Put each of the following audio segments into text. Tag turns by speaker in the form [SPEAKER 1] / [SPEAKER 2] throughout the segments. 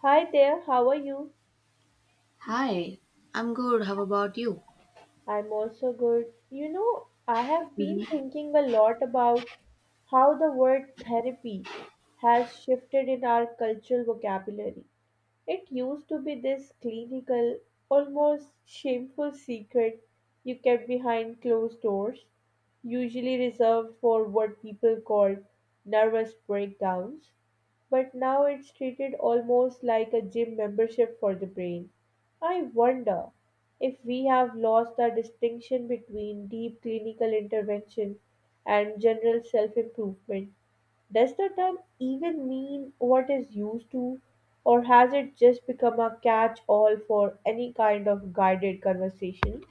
[SPEAKER 1] Hi there, how are you?
[SPEAKER 2] Hi, I'm good. How about you?
[SPEAKER 1] I'm also good. You know, I have been
[SPEAKER 2] Hmm.
[SPEAKER 1] thinking a lot about how the word therapy has shifted in our cultural vocabulary. It used to be this clinical, almost shameful secret you kept behind closed doors, usually reserved for what people called nervous breakdowns. But now it's treated almost like a gym membership for the brain. I wonder if we have lost the distinction between deep clinical intervention and general self improvement. Does the term even mean what is used to, or has it just become a catch all for any kind of guided conversation?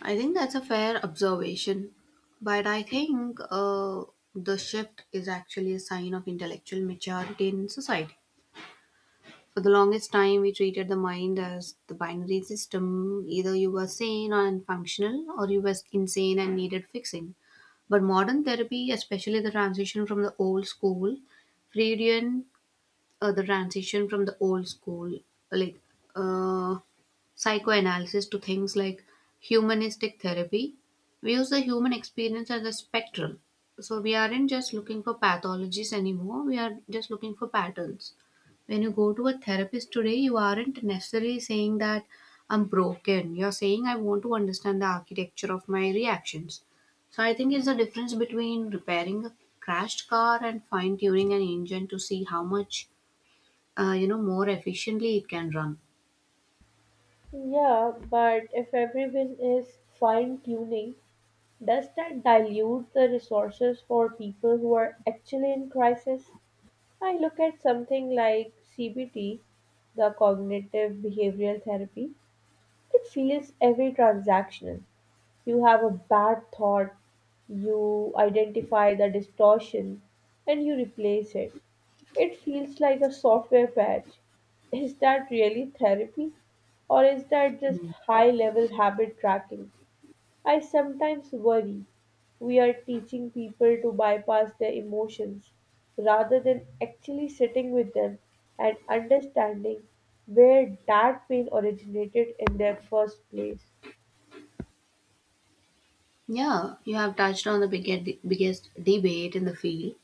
[SPEAKER 2] I think that's a fair observation, but I think the shift is actually a sign of intellectual maturity in society. For the longest time, we treated the mind as the binary system, either you were sane and functional, or you were insane and needed fixing. But modern therapy, especially the transition from the old school, Freudian the transition from the old school like uh, psychoanalysis to things like humanistic therapy, we use the human experience as a spectrum, so we aren't just looking for pathologies anymore, we are just looking for patterns. When you go to a therapist today, you aren't necessarily saying that I'm broken, you're saying I want to understand the architecture of my reactions. So I think it's the difference between repairing a crashed car and fine tuning an engine to see how much you know more efficiently it can run.
[SPEAKER 1] Yeah, but if everyone is fine tuning, does that dilute the resources for people who are actually in crisis? I look at something like CBT, the cognitive behavioral therapy. It feels every transactional. You have a bad thought, you identify the distortion, and you replace it. It feels like a software patch. Is that really therapy? Or is that just high level habit tracking? I sometimes worry we are teaching people to bypass their emotions rather than actually sitting with them and understanding where that pain originated in their first place.
[SPEAKER 2] Yeah, you have touched on the biggest debate in the field,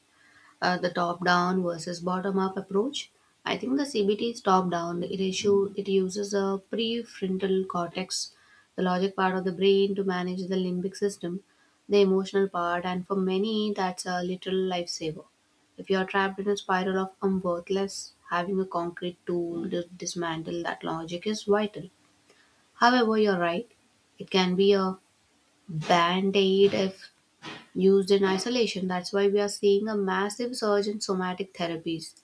[SPEAKER 2] the top down versus bottom up approach. I think the cbt is top down, it issue it uses a prefrontal cortex, the logic part of the brain to manage the limbic system, the emotional part, and for many that's a literal lifesaver. If you are trapped in a spiral of unworthless, having a concrete tool to dismantle that logic is vital. However, you're right, it can be a band aid if used in isolation. That's why we are seeing a massive surge in somatic therapies.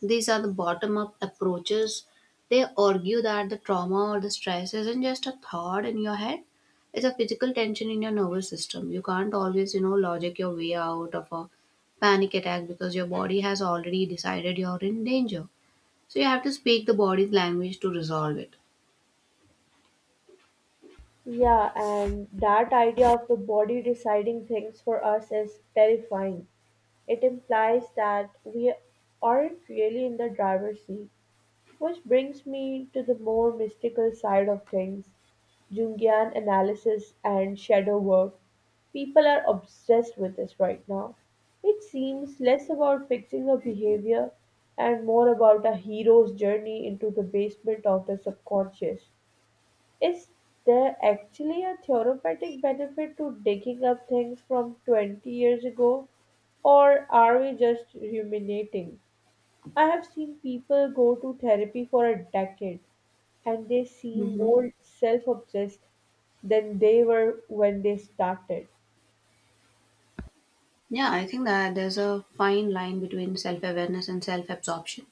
[SPEAKER 2] These are the bottom up approaches. They argue that the trauma or the stress isn't just a thought in your head, it's a physical tension in your nervous system. You can't always, you know, logic your way out of a panic attack because your body has already decided you're in danger. So you have to speak the body's language to resolve it.
[SPEAKER 1] Yeah, and that idea of the body deciding things for us is terrifying. It implies that we aren't really in the driver's seat, which brings me to the more mystical side of things, Jungian analysis and shadow work. People are obsessed with this right now. It seems less about fixing a behavior and more about a hero's journey into the basement of the subconscious. Is there actually a therapeutic benefit to digging up things from 20 years ago, or are we just ruminating? I have seen people go to therapy for a decade and they seem
[SPEAKER 2] Hmm.
[SPEAKER 1] more self obsessed than they were when they started.
[SPEAKER 2] Yeah, I think that there's a fine line between self awareness and self absorption.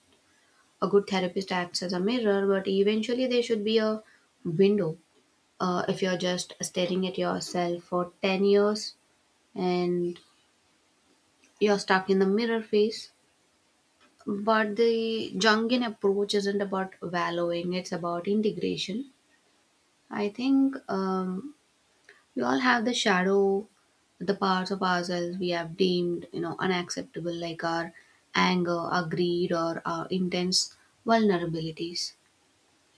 [SPEAKER 2] A good therapist acts as a mirror, but eventually there should be a window. If you're just staring at yourself for 10 years and you're stuck in the mirror phase, but the Jungian approach isn't about wallowing, it's about integration. I think We all have the shadow, the parts of ourselves we have deemed, you know, unacceptable, like our anger, our greed, or our intense vulnerabilities.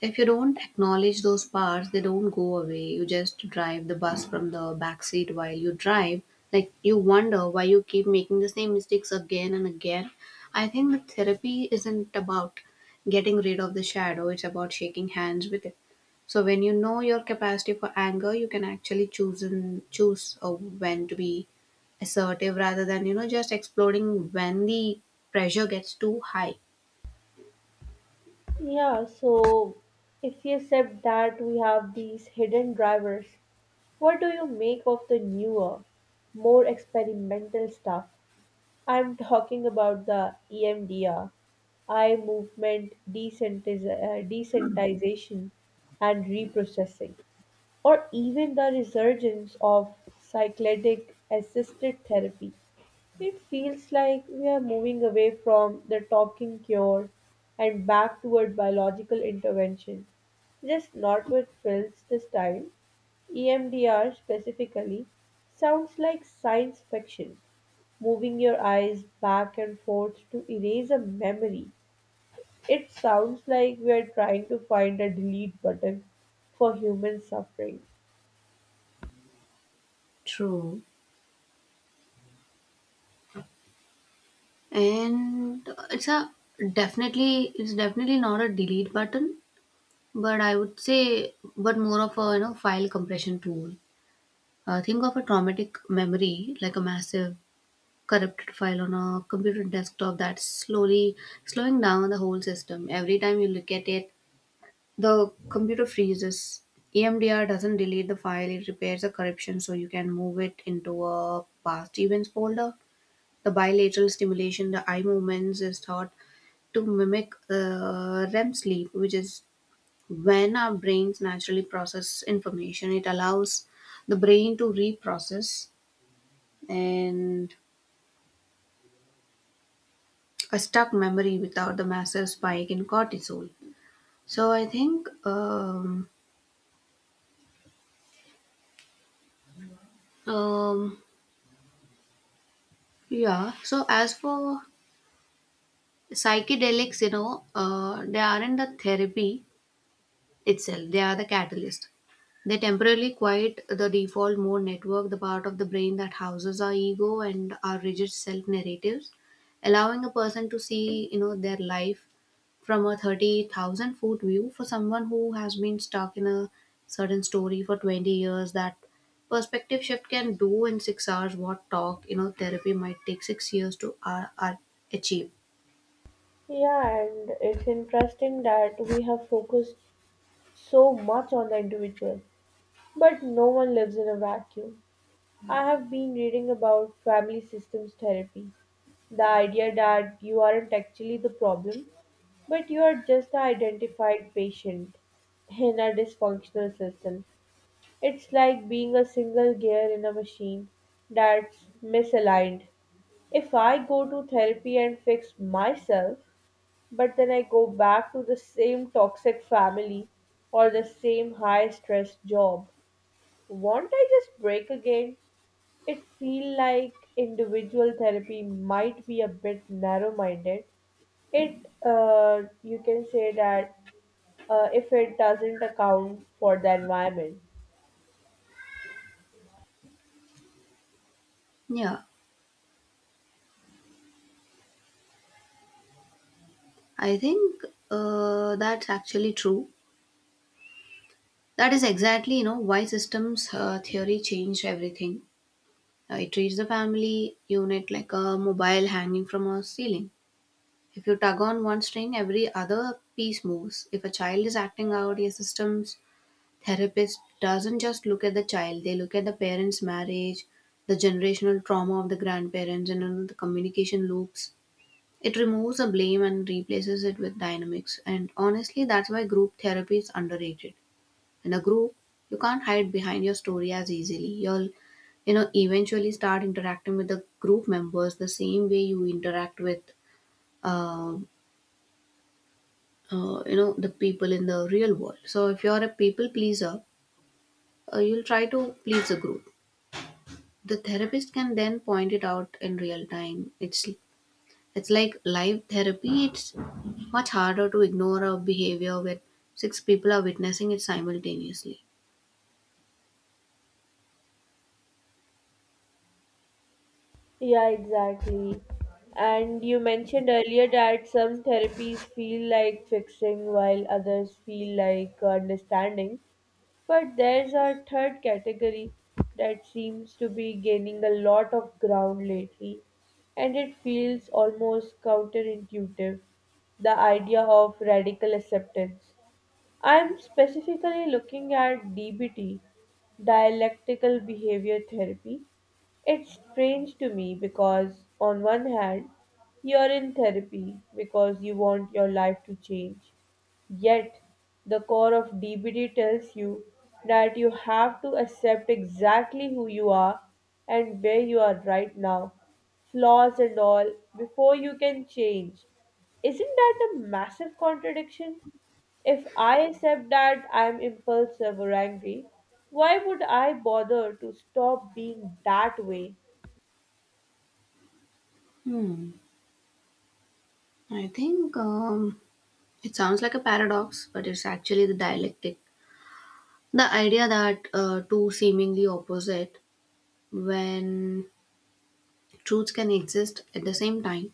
[SPEAKER 2] If you don't acknowledge those parts, they don't go away. You just drive the bus from the back seat while you drive. Like you wonder why you keep making the same mistakes again and again. I think that therapy isn't about getting rid of the shadow, it's about shaking hands with it. So when you know your capacity for anger, you can actually choose when to be assertive rather than you know just exploding when the pressure gets too high.
[SPEAKER 1] Yeah, so if you accept that we have these hidden drivers, what do you make of the newer, more experimental stuff? I'm talking about the EMDR, eye movement desensitization and reprocessing, or even the resurgence of cycladic assisted therapy. It feels like we are moving away from the talking cure and back toward biological intervention, just not with pills this time. EMDR specifically sounds like science fiction, moving your eyes back and forth to erase a memory. It sounds like we are trying to find a delete button for human suffering.
[SPEAKER 2] True. And it's a definitely not a delete button, but I would say but more of a you know file compression tool. Think of a traumatic memory like a massive corrupted file on a computer desktop that's slowly slowing down the whole system. Every time you look at it, the computer freezes. EMDR doesn't delete the file, it repairs the corruption so you can move it into a past events folder. The bilateral stimulation, the eye movements, is thought to mimic REM sleep, which is when our brains naturally process information. It allows the brain to reprocess and a stuck memory without the massive spike in cortisol. So I think, um, yeah. So as for psychedelics, they aren't a therapy itself. They are the catalyst. They temporarily quiet the default mode network, the part of the brain that houses our ego and our rigid self narratives, allowing a person to see, you know, their life from a 30,000 foot view. For someone who has been stuck in a certain story for 20 years, that perspective shift can do in 6 hours what talk, you know, therapy might take 6 years to achieve.
[SPEAKER 1] Yeah, and it's interesting that we have focused so much on the individual, but no one lives in a vacuum. I have been reading about family systems therapy, the idea that you aren't actually the problem, but you are just the identified patient in a dysfunctional system. It's like being a single gear in a machine that's misaligned. If I go to therapy and fix myself, but then I go back to the same toxic family or the same high stress job. Won't I just break again? It feel like individual therapy might be a bit narrow minded. It you can say that if it doesn't account for the environment.
[SPEAKER 2] Yeah, I think that's actually true. That is exactly, you know, why systems theory changed everything. It treats the family unit like a mobile hanging from a ceiling. If you tug on one string, every other piece moves. If a child is acting out, your systems therapist doesn't just look at the child; they look at the parents' marriage, the generational trauma of the grandparents, and you know, the communication loops. It removes the blame and replaces it with dynamics. And honestly, that's why group therapy is underrated. In a group you can't hide behind your story as easily, you'll you know eventually start interacting with the group members the same way you interact with uh, you know the people in the real world. So if you're a people pleaser, you'll try to please the group. The therapist can then point it out in real time. It's like live therapy, it's much harder to ignore a behavior where six people are witnessing it simultaneously.
[SPEAKER 1] Yeah, exactly. And you mentioned earlier that some therapies feel like fixing while others feel like understanding. But there's a third category that seems to be gaining a lot of ground lately, and it feels almost counterintuitive, the idea of radical acceptance. I'm specifically looking at DBT, dialectical behavior therapy. It's strange to me because, on one hand, you're in therapy because you want your life to change, yet, the core of DBT tells you that you have to accept exactly who you are and where you are right now, flaws and all, before you can change. Isn't that a massive contradiction? If I accept that I'm impulsive or angry, why would I bother to stop being that way?
[SPEAKER 2] Hmm. I think It sounds like a paradox, but it's actually the dialectic. The idea that two seemingly opposite when truths can exist at the same time.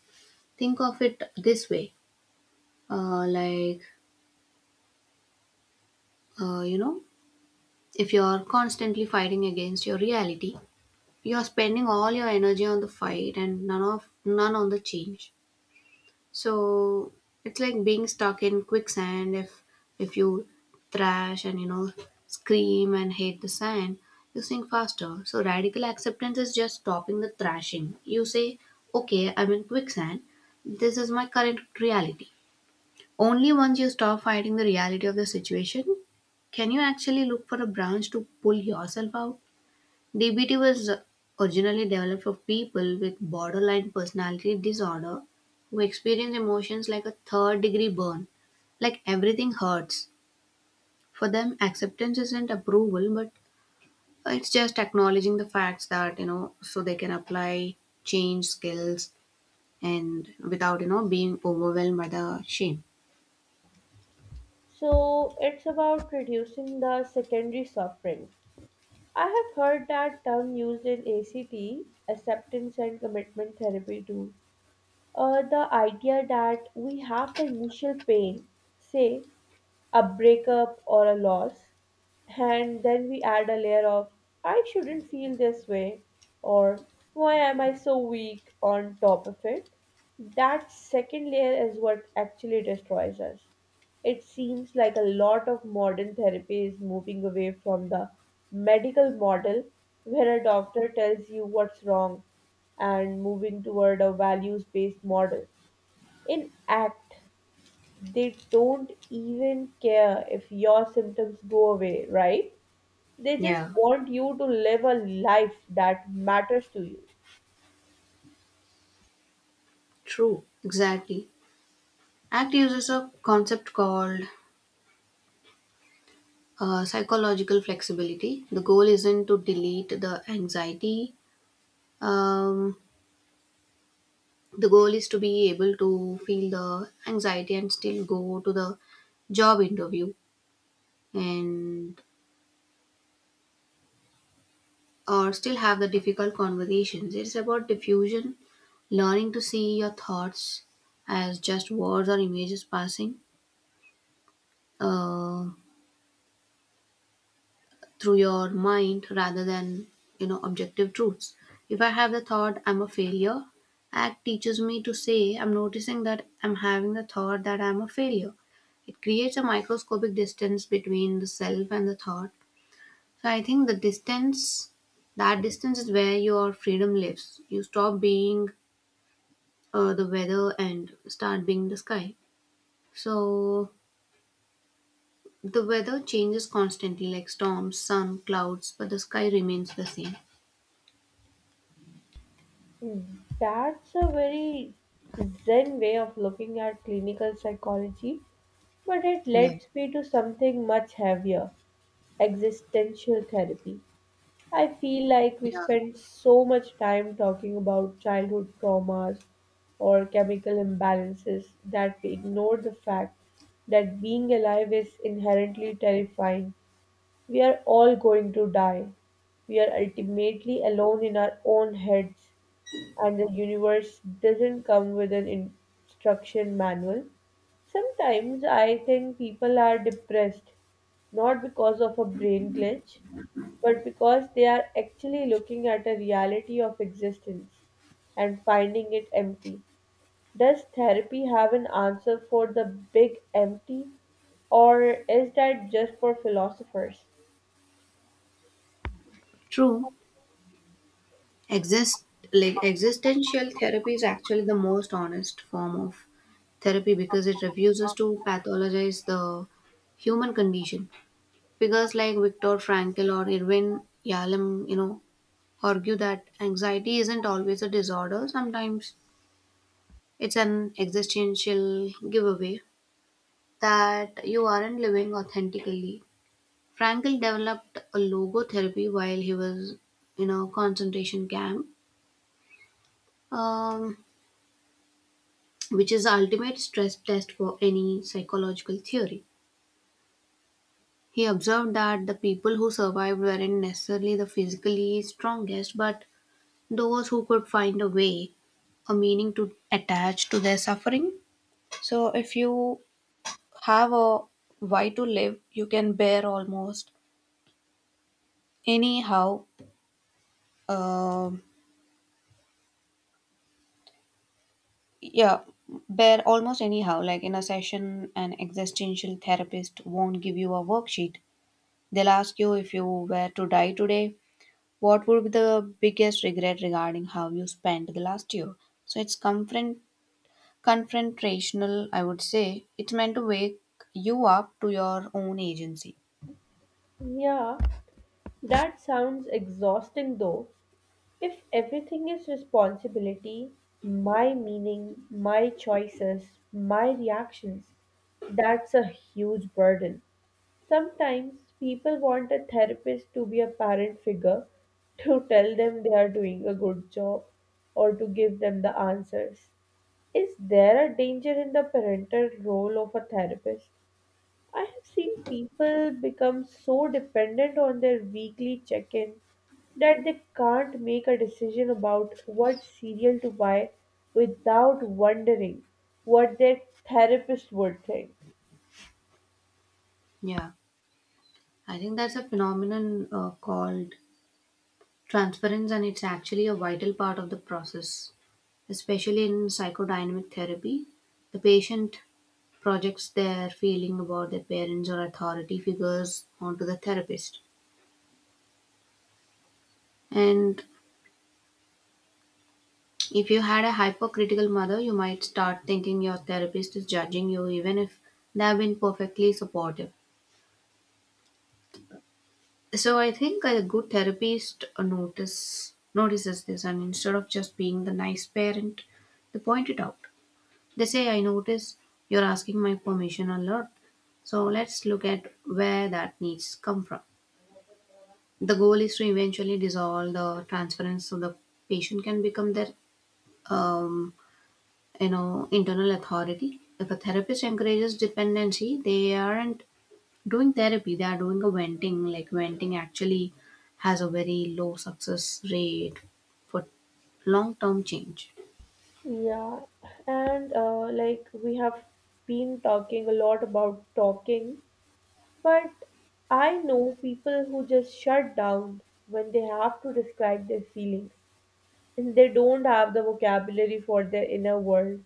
[SPEAKER 2] Think of it this way, uh, like, uh, you know, if you're constantly fighting against your reality, you're spending all your energy on the fight and none on the change. So it's like being stuck in quicksand. If you thrash and you know scream and hate the sand, you sink faster. So radical acceptance is just stopping the thrashing. You say, okay, I'm in quicksand. This is my current reality. Only once you stop fighting the reality of the situation can you actually look for a branch to pull yourself out. DBT was originally developed for people with borderline personality disorder who experience emotions like a third degree burn, like everything hurts. For them, acceptance isn't approval, but it's just acknowledging the facts that, you know, so they can apply change skills and without, you know, being overwhelmed by the shame.
[SPEAKER 1] So it's about reducing the secondary suffering. I have heard that term used in ACT, acceptance and commitment therapy too. The idea that we have the initial pain, say a breakup or a loss, and then we add a layer of I shouldn't feel this way, or why am I so weak, on top of it. That second layer is what actually destroys us. It seems like a lot of modern therapy is moving away from the medical model, where a doctor tells you what's wrong, and moving toward a values based model. In ACT, they don't even care if your symptoms go away, right? They just
[SPEAKER 2] Yeah,
[SPEAKER 1] want you to live a life that matters to you.
[SPEAKER 2] true. Exactly. ACT uses a concept called psychological flexibility. The goal isn't to delete the anxiety. Um, the goal is to be able to feel the anxiety and still go to the job interview and or still have the difficult conversations. It's about diffusion, learning to see your thoughts as just words or images passing Uh, through your mind rather than you know objective truths. If I have the thought I'm a failure, act teaches me to say I'm noticing that I'm having the thought that I'm a failure. It creates a microscopic distance between the self and the thought. So I think the distance, that distance is where your freedom lives. You stop being the weather and start being the sky. So the weather changes constantly like storms, sun, clouds, but the sky remains the same.
[SPEAKER 1] That's a very zen way of looking at clinical psychology, but it
[SPEAKER 2] Yeah.
[SPEAKER 1] leads me to something much heavier, existential therapy. I feel like we
[SPEAKER 2] Yeah,
[SPEAKER 1] spend so much time talking about childhood traumas or chemical imbalances that we ignore the fact that being alive is inherently terrifying. We are all going to die. We are ultimately alone in our own heads and the universe doesn't come with an instruction manual. Sometimes I think people are depressed not because of a brain glitch, but because they are actually looking at a reality of existence and finding it empty. Does therapy have an answer for the big empty, or is that just for philosophers?
[SPEAKER 2] true, exist, like existential therapy is actually the most honest form of therapy because it refuses to pathologize the human condition. Figures like Viktor Frankl or Irvin Yalom, you know, argue that anxiety isn't always a disorder. Sometimes it's an existential giveaway that you aren't living authentically. Frankl developed a logotherapy while he was in a concentration camp. Um, which is the ultimate stress test for any psychological theory. He observed that the people who survived weren't necessarily the physically strongest, but those who could find a way, a meaning to attach to their suffering. So, if you have a why to live, you can bear almost anyhow. Um yeah, Bear almost anyhow. Like in a session, an existential therapist won't give you a worksheet. They'll ask you, if you were to die today, what would be the biggest regret regarding how you spent the last year? So it's confront confrontational, I would say. It's meant to wake you up to your own agency.
[SPEAKER 1] Yeah, that sounds exhausting though. If everything is responsibility, my meaning, my choices, my reactions, that's a huge burden. Sometimes people want a therapist to be a parent figure, to tell them they are doing a good job or to give them the answers. Is there a danger in the parental role of a therapist? I have seen people become so dependent on their weekly check in that they can't make a decision about what cereal to buy without wondering what their therapist would think.
[SPEAKER 2] Yeah, I think that's a phenomenon called transference, and it's actually a vital part of the process, especially in psychodynamic therapy. The patient projects their feeling about their parents or authority figures onto the therapist. And if you had a hypercritical mother, you might start thinking your therapist is judging you, even if they have been perfectly supportive. So I think a good therapist notices this, and instead of just being the nice parent, they point it out. They say, "I notice you're asking my permission a lot." So let's look at where that needs come from. The goal is to eventually dissolve the transference so the patient can become their um, internal authority. If a therapist encourages dependency, they aren't doing therapy, they are doing a venting. Like venting actually has a very low success rate for long term change.
[SPEAKER 1] Yeah, and like we have been talking a lot about talking, but I know people who just shut down when they have to describe their feelings and they don't have the vocabulary for their inner world.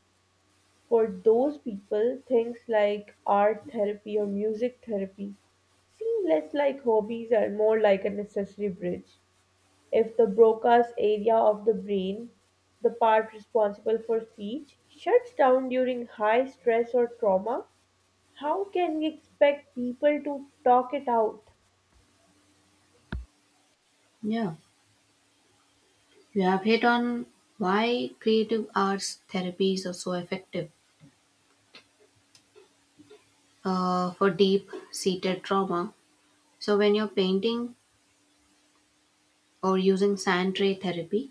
[SPEAKER 1] For those people, things like art therapy or music therapy seem less like hobbies and more like a necessary bridge. If the Broca's area of the brain, the part responsible for speech, shuts down during high stress or trauma, how can we expect people to talk it out?
[SPEAKER 2] Yeah, you have hit on why creative arts therapies are so effective for deep seated trauma. So when you're painting or using sand tray therapy,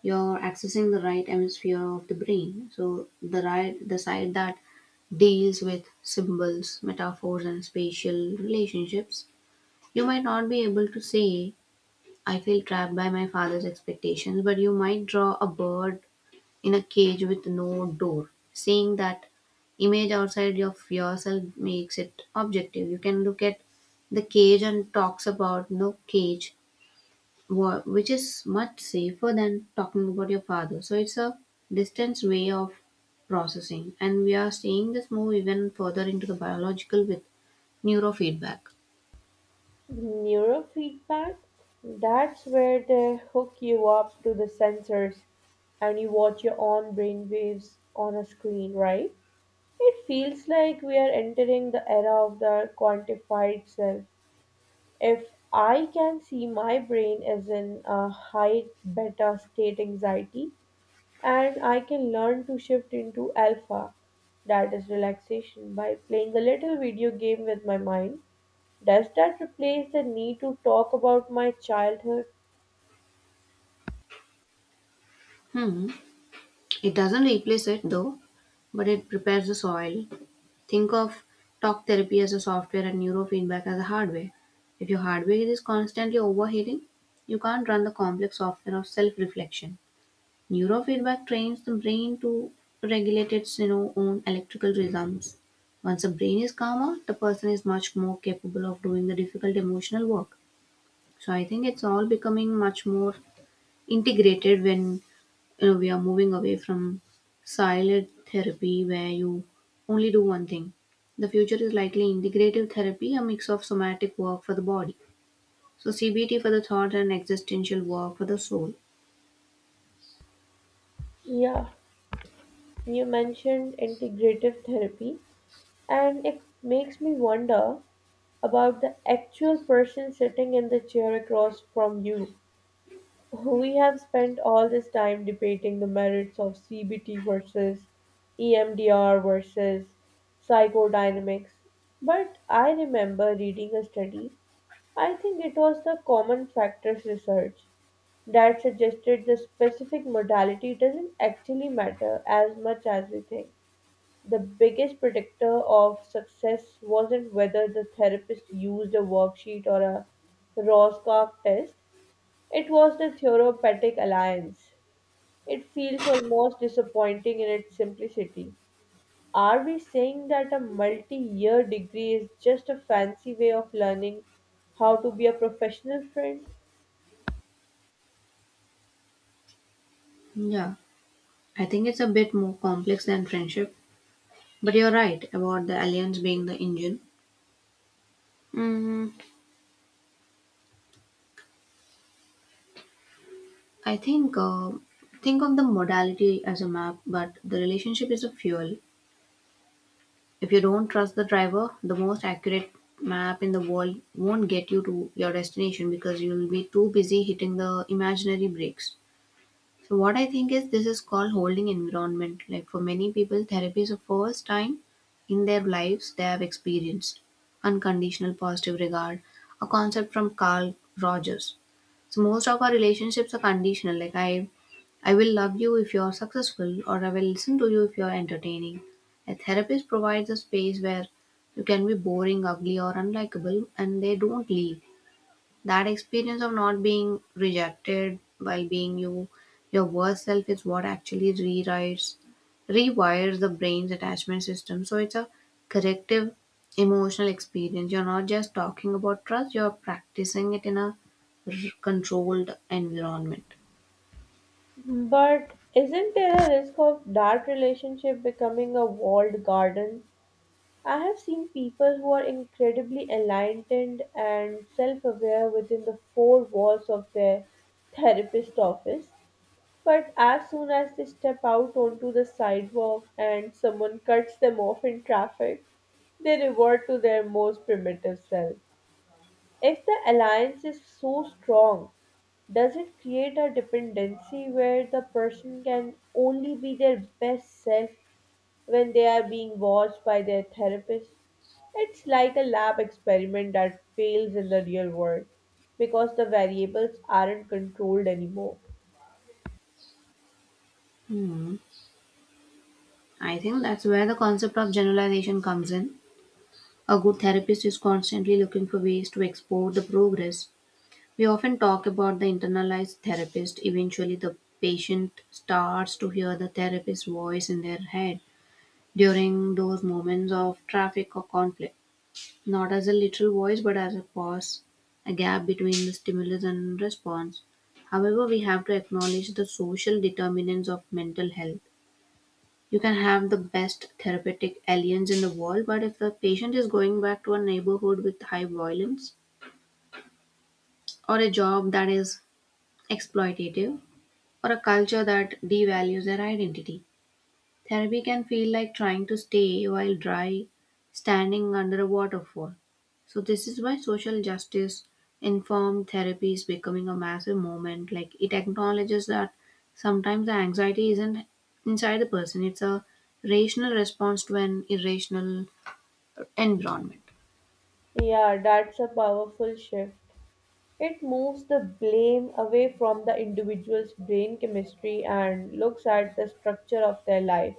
[SPEAKER 2] you're accessing the right hemisphere of the brain, so the the side that deals with symbols, metaphors and spatial relationships. You might not be able to say I feel trapped by my father's expectations, but you might draw a bird in a cage with no door. Seeing that image outside of yourself makes it objective. You can look at the cage and talks about no cage, which is much safer than talking about your father. So it's a distance way of processing, and we are seeing this move even further into the biological with neurofeedback.
[SPEAKER 1] Neurofeedback? That's where they hook you up to the sensors and you watch your own brain waves on a screen, right? It feels like we are entering the era of the quantified self. If I can see my brain is in a high beta state anxiety and I can learn to shift into alpha, that is relaxation, by playing a little video game with my mind, does that replace the need to talk about my childhood?
[SPEAKER 2] Hmm. It doesn't replace it though, but it prepares the soil. Think of talk therapy as a software and neurofeedback as a hardware. If your hardware is constantly overheating, you can't run the complex software of self reflection. Neurofeedback trains the brain to regulate its own electrical rhythms. Once the brain is calmer, the person is much more capable of doing the difficult emotional work. So I think it's all becoming much more integrated when we are moving away from silent therapy where you only do one thing. The future is likely integrative therapy, a mix of somatic work for the body. So CBT for the thought and existential work for the soul.
[SPEAKER 1] Yeah, you mentioned integrative therapy, and it makes me wonder about the actual person sitting in the chair across from you. We have spent all this time debating the merits of CBT versus EMDR versus psychodynamics, but I remember reading a study, I think it was the Common Factors Research, that suggested the specific modality doesn't actually matter as much as we think. The biggest predictor of success wasn't whether the therapist used a worksheet or a Rorschach test, it was the therapeutic alliance. It feels almost disappointing in its simplicity. Are we saying that a multi year degree is just a fancy way of learning how to be a professional friend?
[SPEAKER 2] Yeah. I think it's a bit more complex than friendship, but you're right about the alliance being the engine. Mm, I think of the modality as a map, but the relationship is a fuel. If you don't trust the driver, the most accurate map in the world won't get you to your destination because you'll be too busy hitting the imaginary brakes. So what I think is this is called holding environment. Like for many people, therapy is the first time in their lives they have experienced unconditional positive regard, a concept from Carl Rogers. So most of our relationships are conditional. Like I will love you if you're successful, or I will listen to you if you're entertaining. A therapist provides a space where you can be boring, ugly or unlikable and they don't leave. That experience of not being rejected while being you, your worst self, is what actually rewires the brain's attachment system. So it's a corrective emotional experience. You're not just talking about trust, you're practicing it in a r- controlled environment.
[SPEAKER 1] But isn't there a risk of that relationship becoming a walled garden? I have seen people who are incredibly enlightened and self aware within the four walls of their therapist office, but as soon as they step out onto the sidewalk and someone cuts them off in traffic, they revert to their most primitive self. If the alliance is so strong, does it create a dependency where the person can only be their best self when they are being watched by their therapist? It's like a lab experiment that fails in the real world because the variables aren't controlled anymore.
[SPEAKER 2] Hmm. I think that's where the concept of generalization comes in. A good therapist is constantly looking for ways to explore the progress. We often talk about the internalized therapist. Eventually, the patient starts to hear the therapist's voice in their head during those moments of traffic or conflict, not as a literal voice, but as a pause, a gap between the stimulus and response. However, we have to acknowledge the social determinants of mental health. You can have the best therapeutic aliens in the world, but if the patient is going back to a neighborhood with high violence, or a job that is exploitative, or a culture that devalues their identity. Therapy can feel like trying to stay while dry standing under a waterfall. So, this is why social justice informed therapy is becoming a massive movement. Like, it acknowledges that sometimes the anxiety isn't inside the person, it's a rational response to an irrational environment.
[SPEAKER 1] Yeah, that's a powerful shift. It moves the blame away from the individual's brain chemistry and looks at the structure of their life.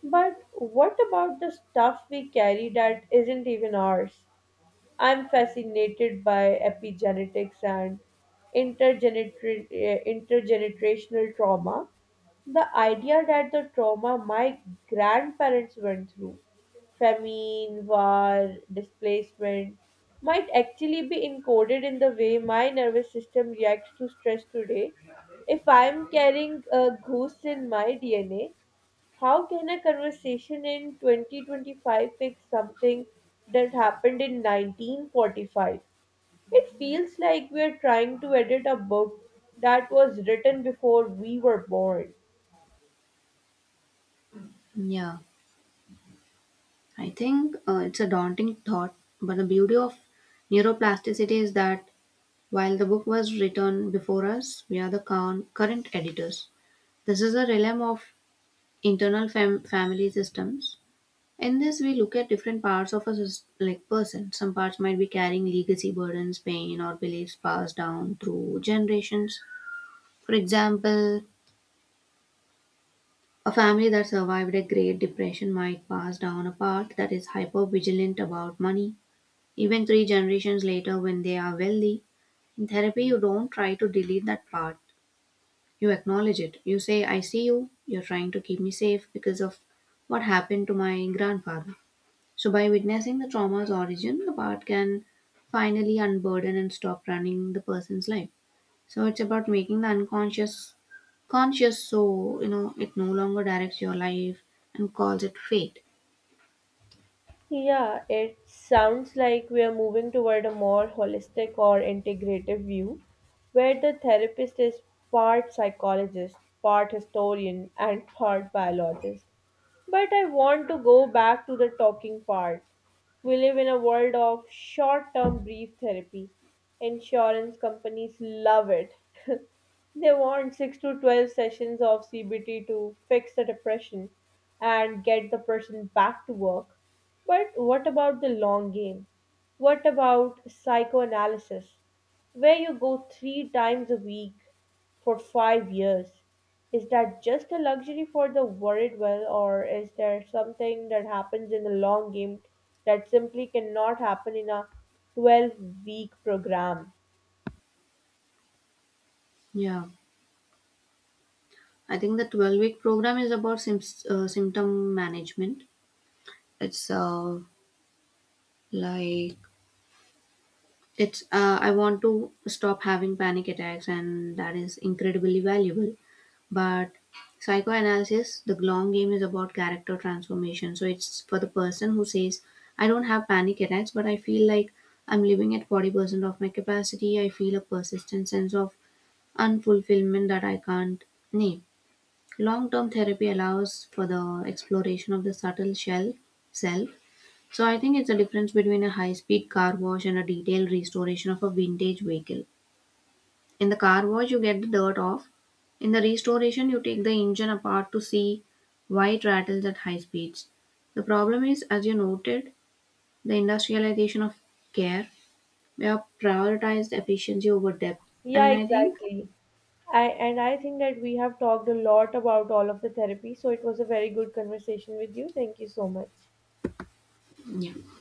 [SPEAKER 1] But what about the stuff we carry that isn't even ours? I'm fascinated by epigenetics and intergenerational trauma. The idea that the trauma my grandparents went through, famine, war, displacement, might actually be encoded in the way my nervous system reacts to stress today. If I'm carrying a goose in my DNA, how can a conversation in 2025 fix something that happened in 1945? It feels like we are trying to edit a book that was written before we were born.
[SPEAKER 2] Yeah, I think it's a daunting thought, but the beauty of neuroplasticity is that while the book was written before us, we are the current editors. This is a realm of internal family systems. In this, we look at different parts of a person. Some parts might be carrying legacy burdens, pain, or beliefs passed down through generations. For example, a family that survived a Great Depression might pass down a part that is hyper vigilant about money, even three generations later when they are wealthy. In therapy, you don't try to delete that part. You acknowledge it. You say, I see you. You're trying to keep me safe because of what happened to my grandfather. So, by witnessing the trauma's origin, the part can finally unburden and stop running the person's life. So, it's about making the unconscious conscious, so it no longer directs your life and calls it fate.
[SPEAKER 1] Yeah, it sounds like we are moving toward a more holistic or integrative view where the therapist is part psychologist, part historian, and part biologist. But I want to go back to the talking part. We live in a world of short term brief therapy. Insurance companies love it. They want 6 to 12 sessions of CBT to fix the depression and get the person back to work. But what about the long game? What about psychoanalysis, where you go three times a week for 5 years? Is that just a luxury for the worried well, or is there something that happens in the long game that simply cannot happen in a 12-week program?
[SPEAKER 2] Yeah, I think the 12-week program is about symptom management. It's like It's I want to stop having panic attacks, and that is incredibly valuable. But psychoanalysis, the long game, is about character transformation. So it's for the person who says, "I don't have panic attacks, but I feel like I'm living at 40% of my capacity. I feel a persistent sense of unfulfillment that I can't name." Long term therapy allows for the exploration of the subtle shell self. So I think it's a difference between a high-speed car wash and a detailed restoration of a vintage vehicle. In the car wash, you get the dirt off. In the restoration, you take the engine apart to see why it rattles at high speeds. The problem is, as you noted, the industrialization of care. We have prioritized efficiency over depth, and
[SPEAKER 1] Yeah,
[SPEAKER 2] I think
[SPEAKER 1] exactly. I, and I think that we have talked a lot about all of the therapy, so it was a very good conversation with you. Thank you so much.
[SPEAKER 2] yeah.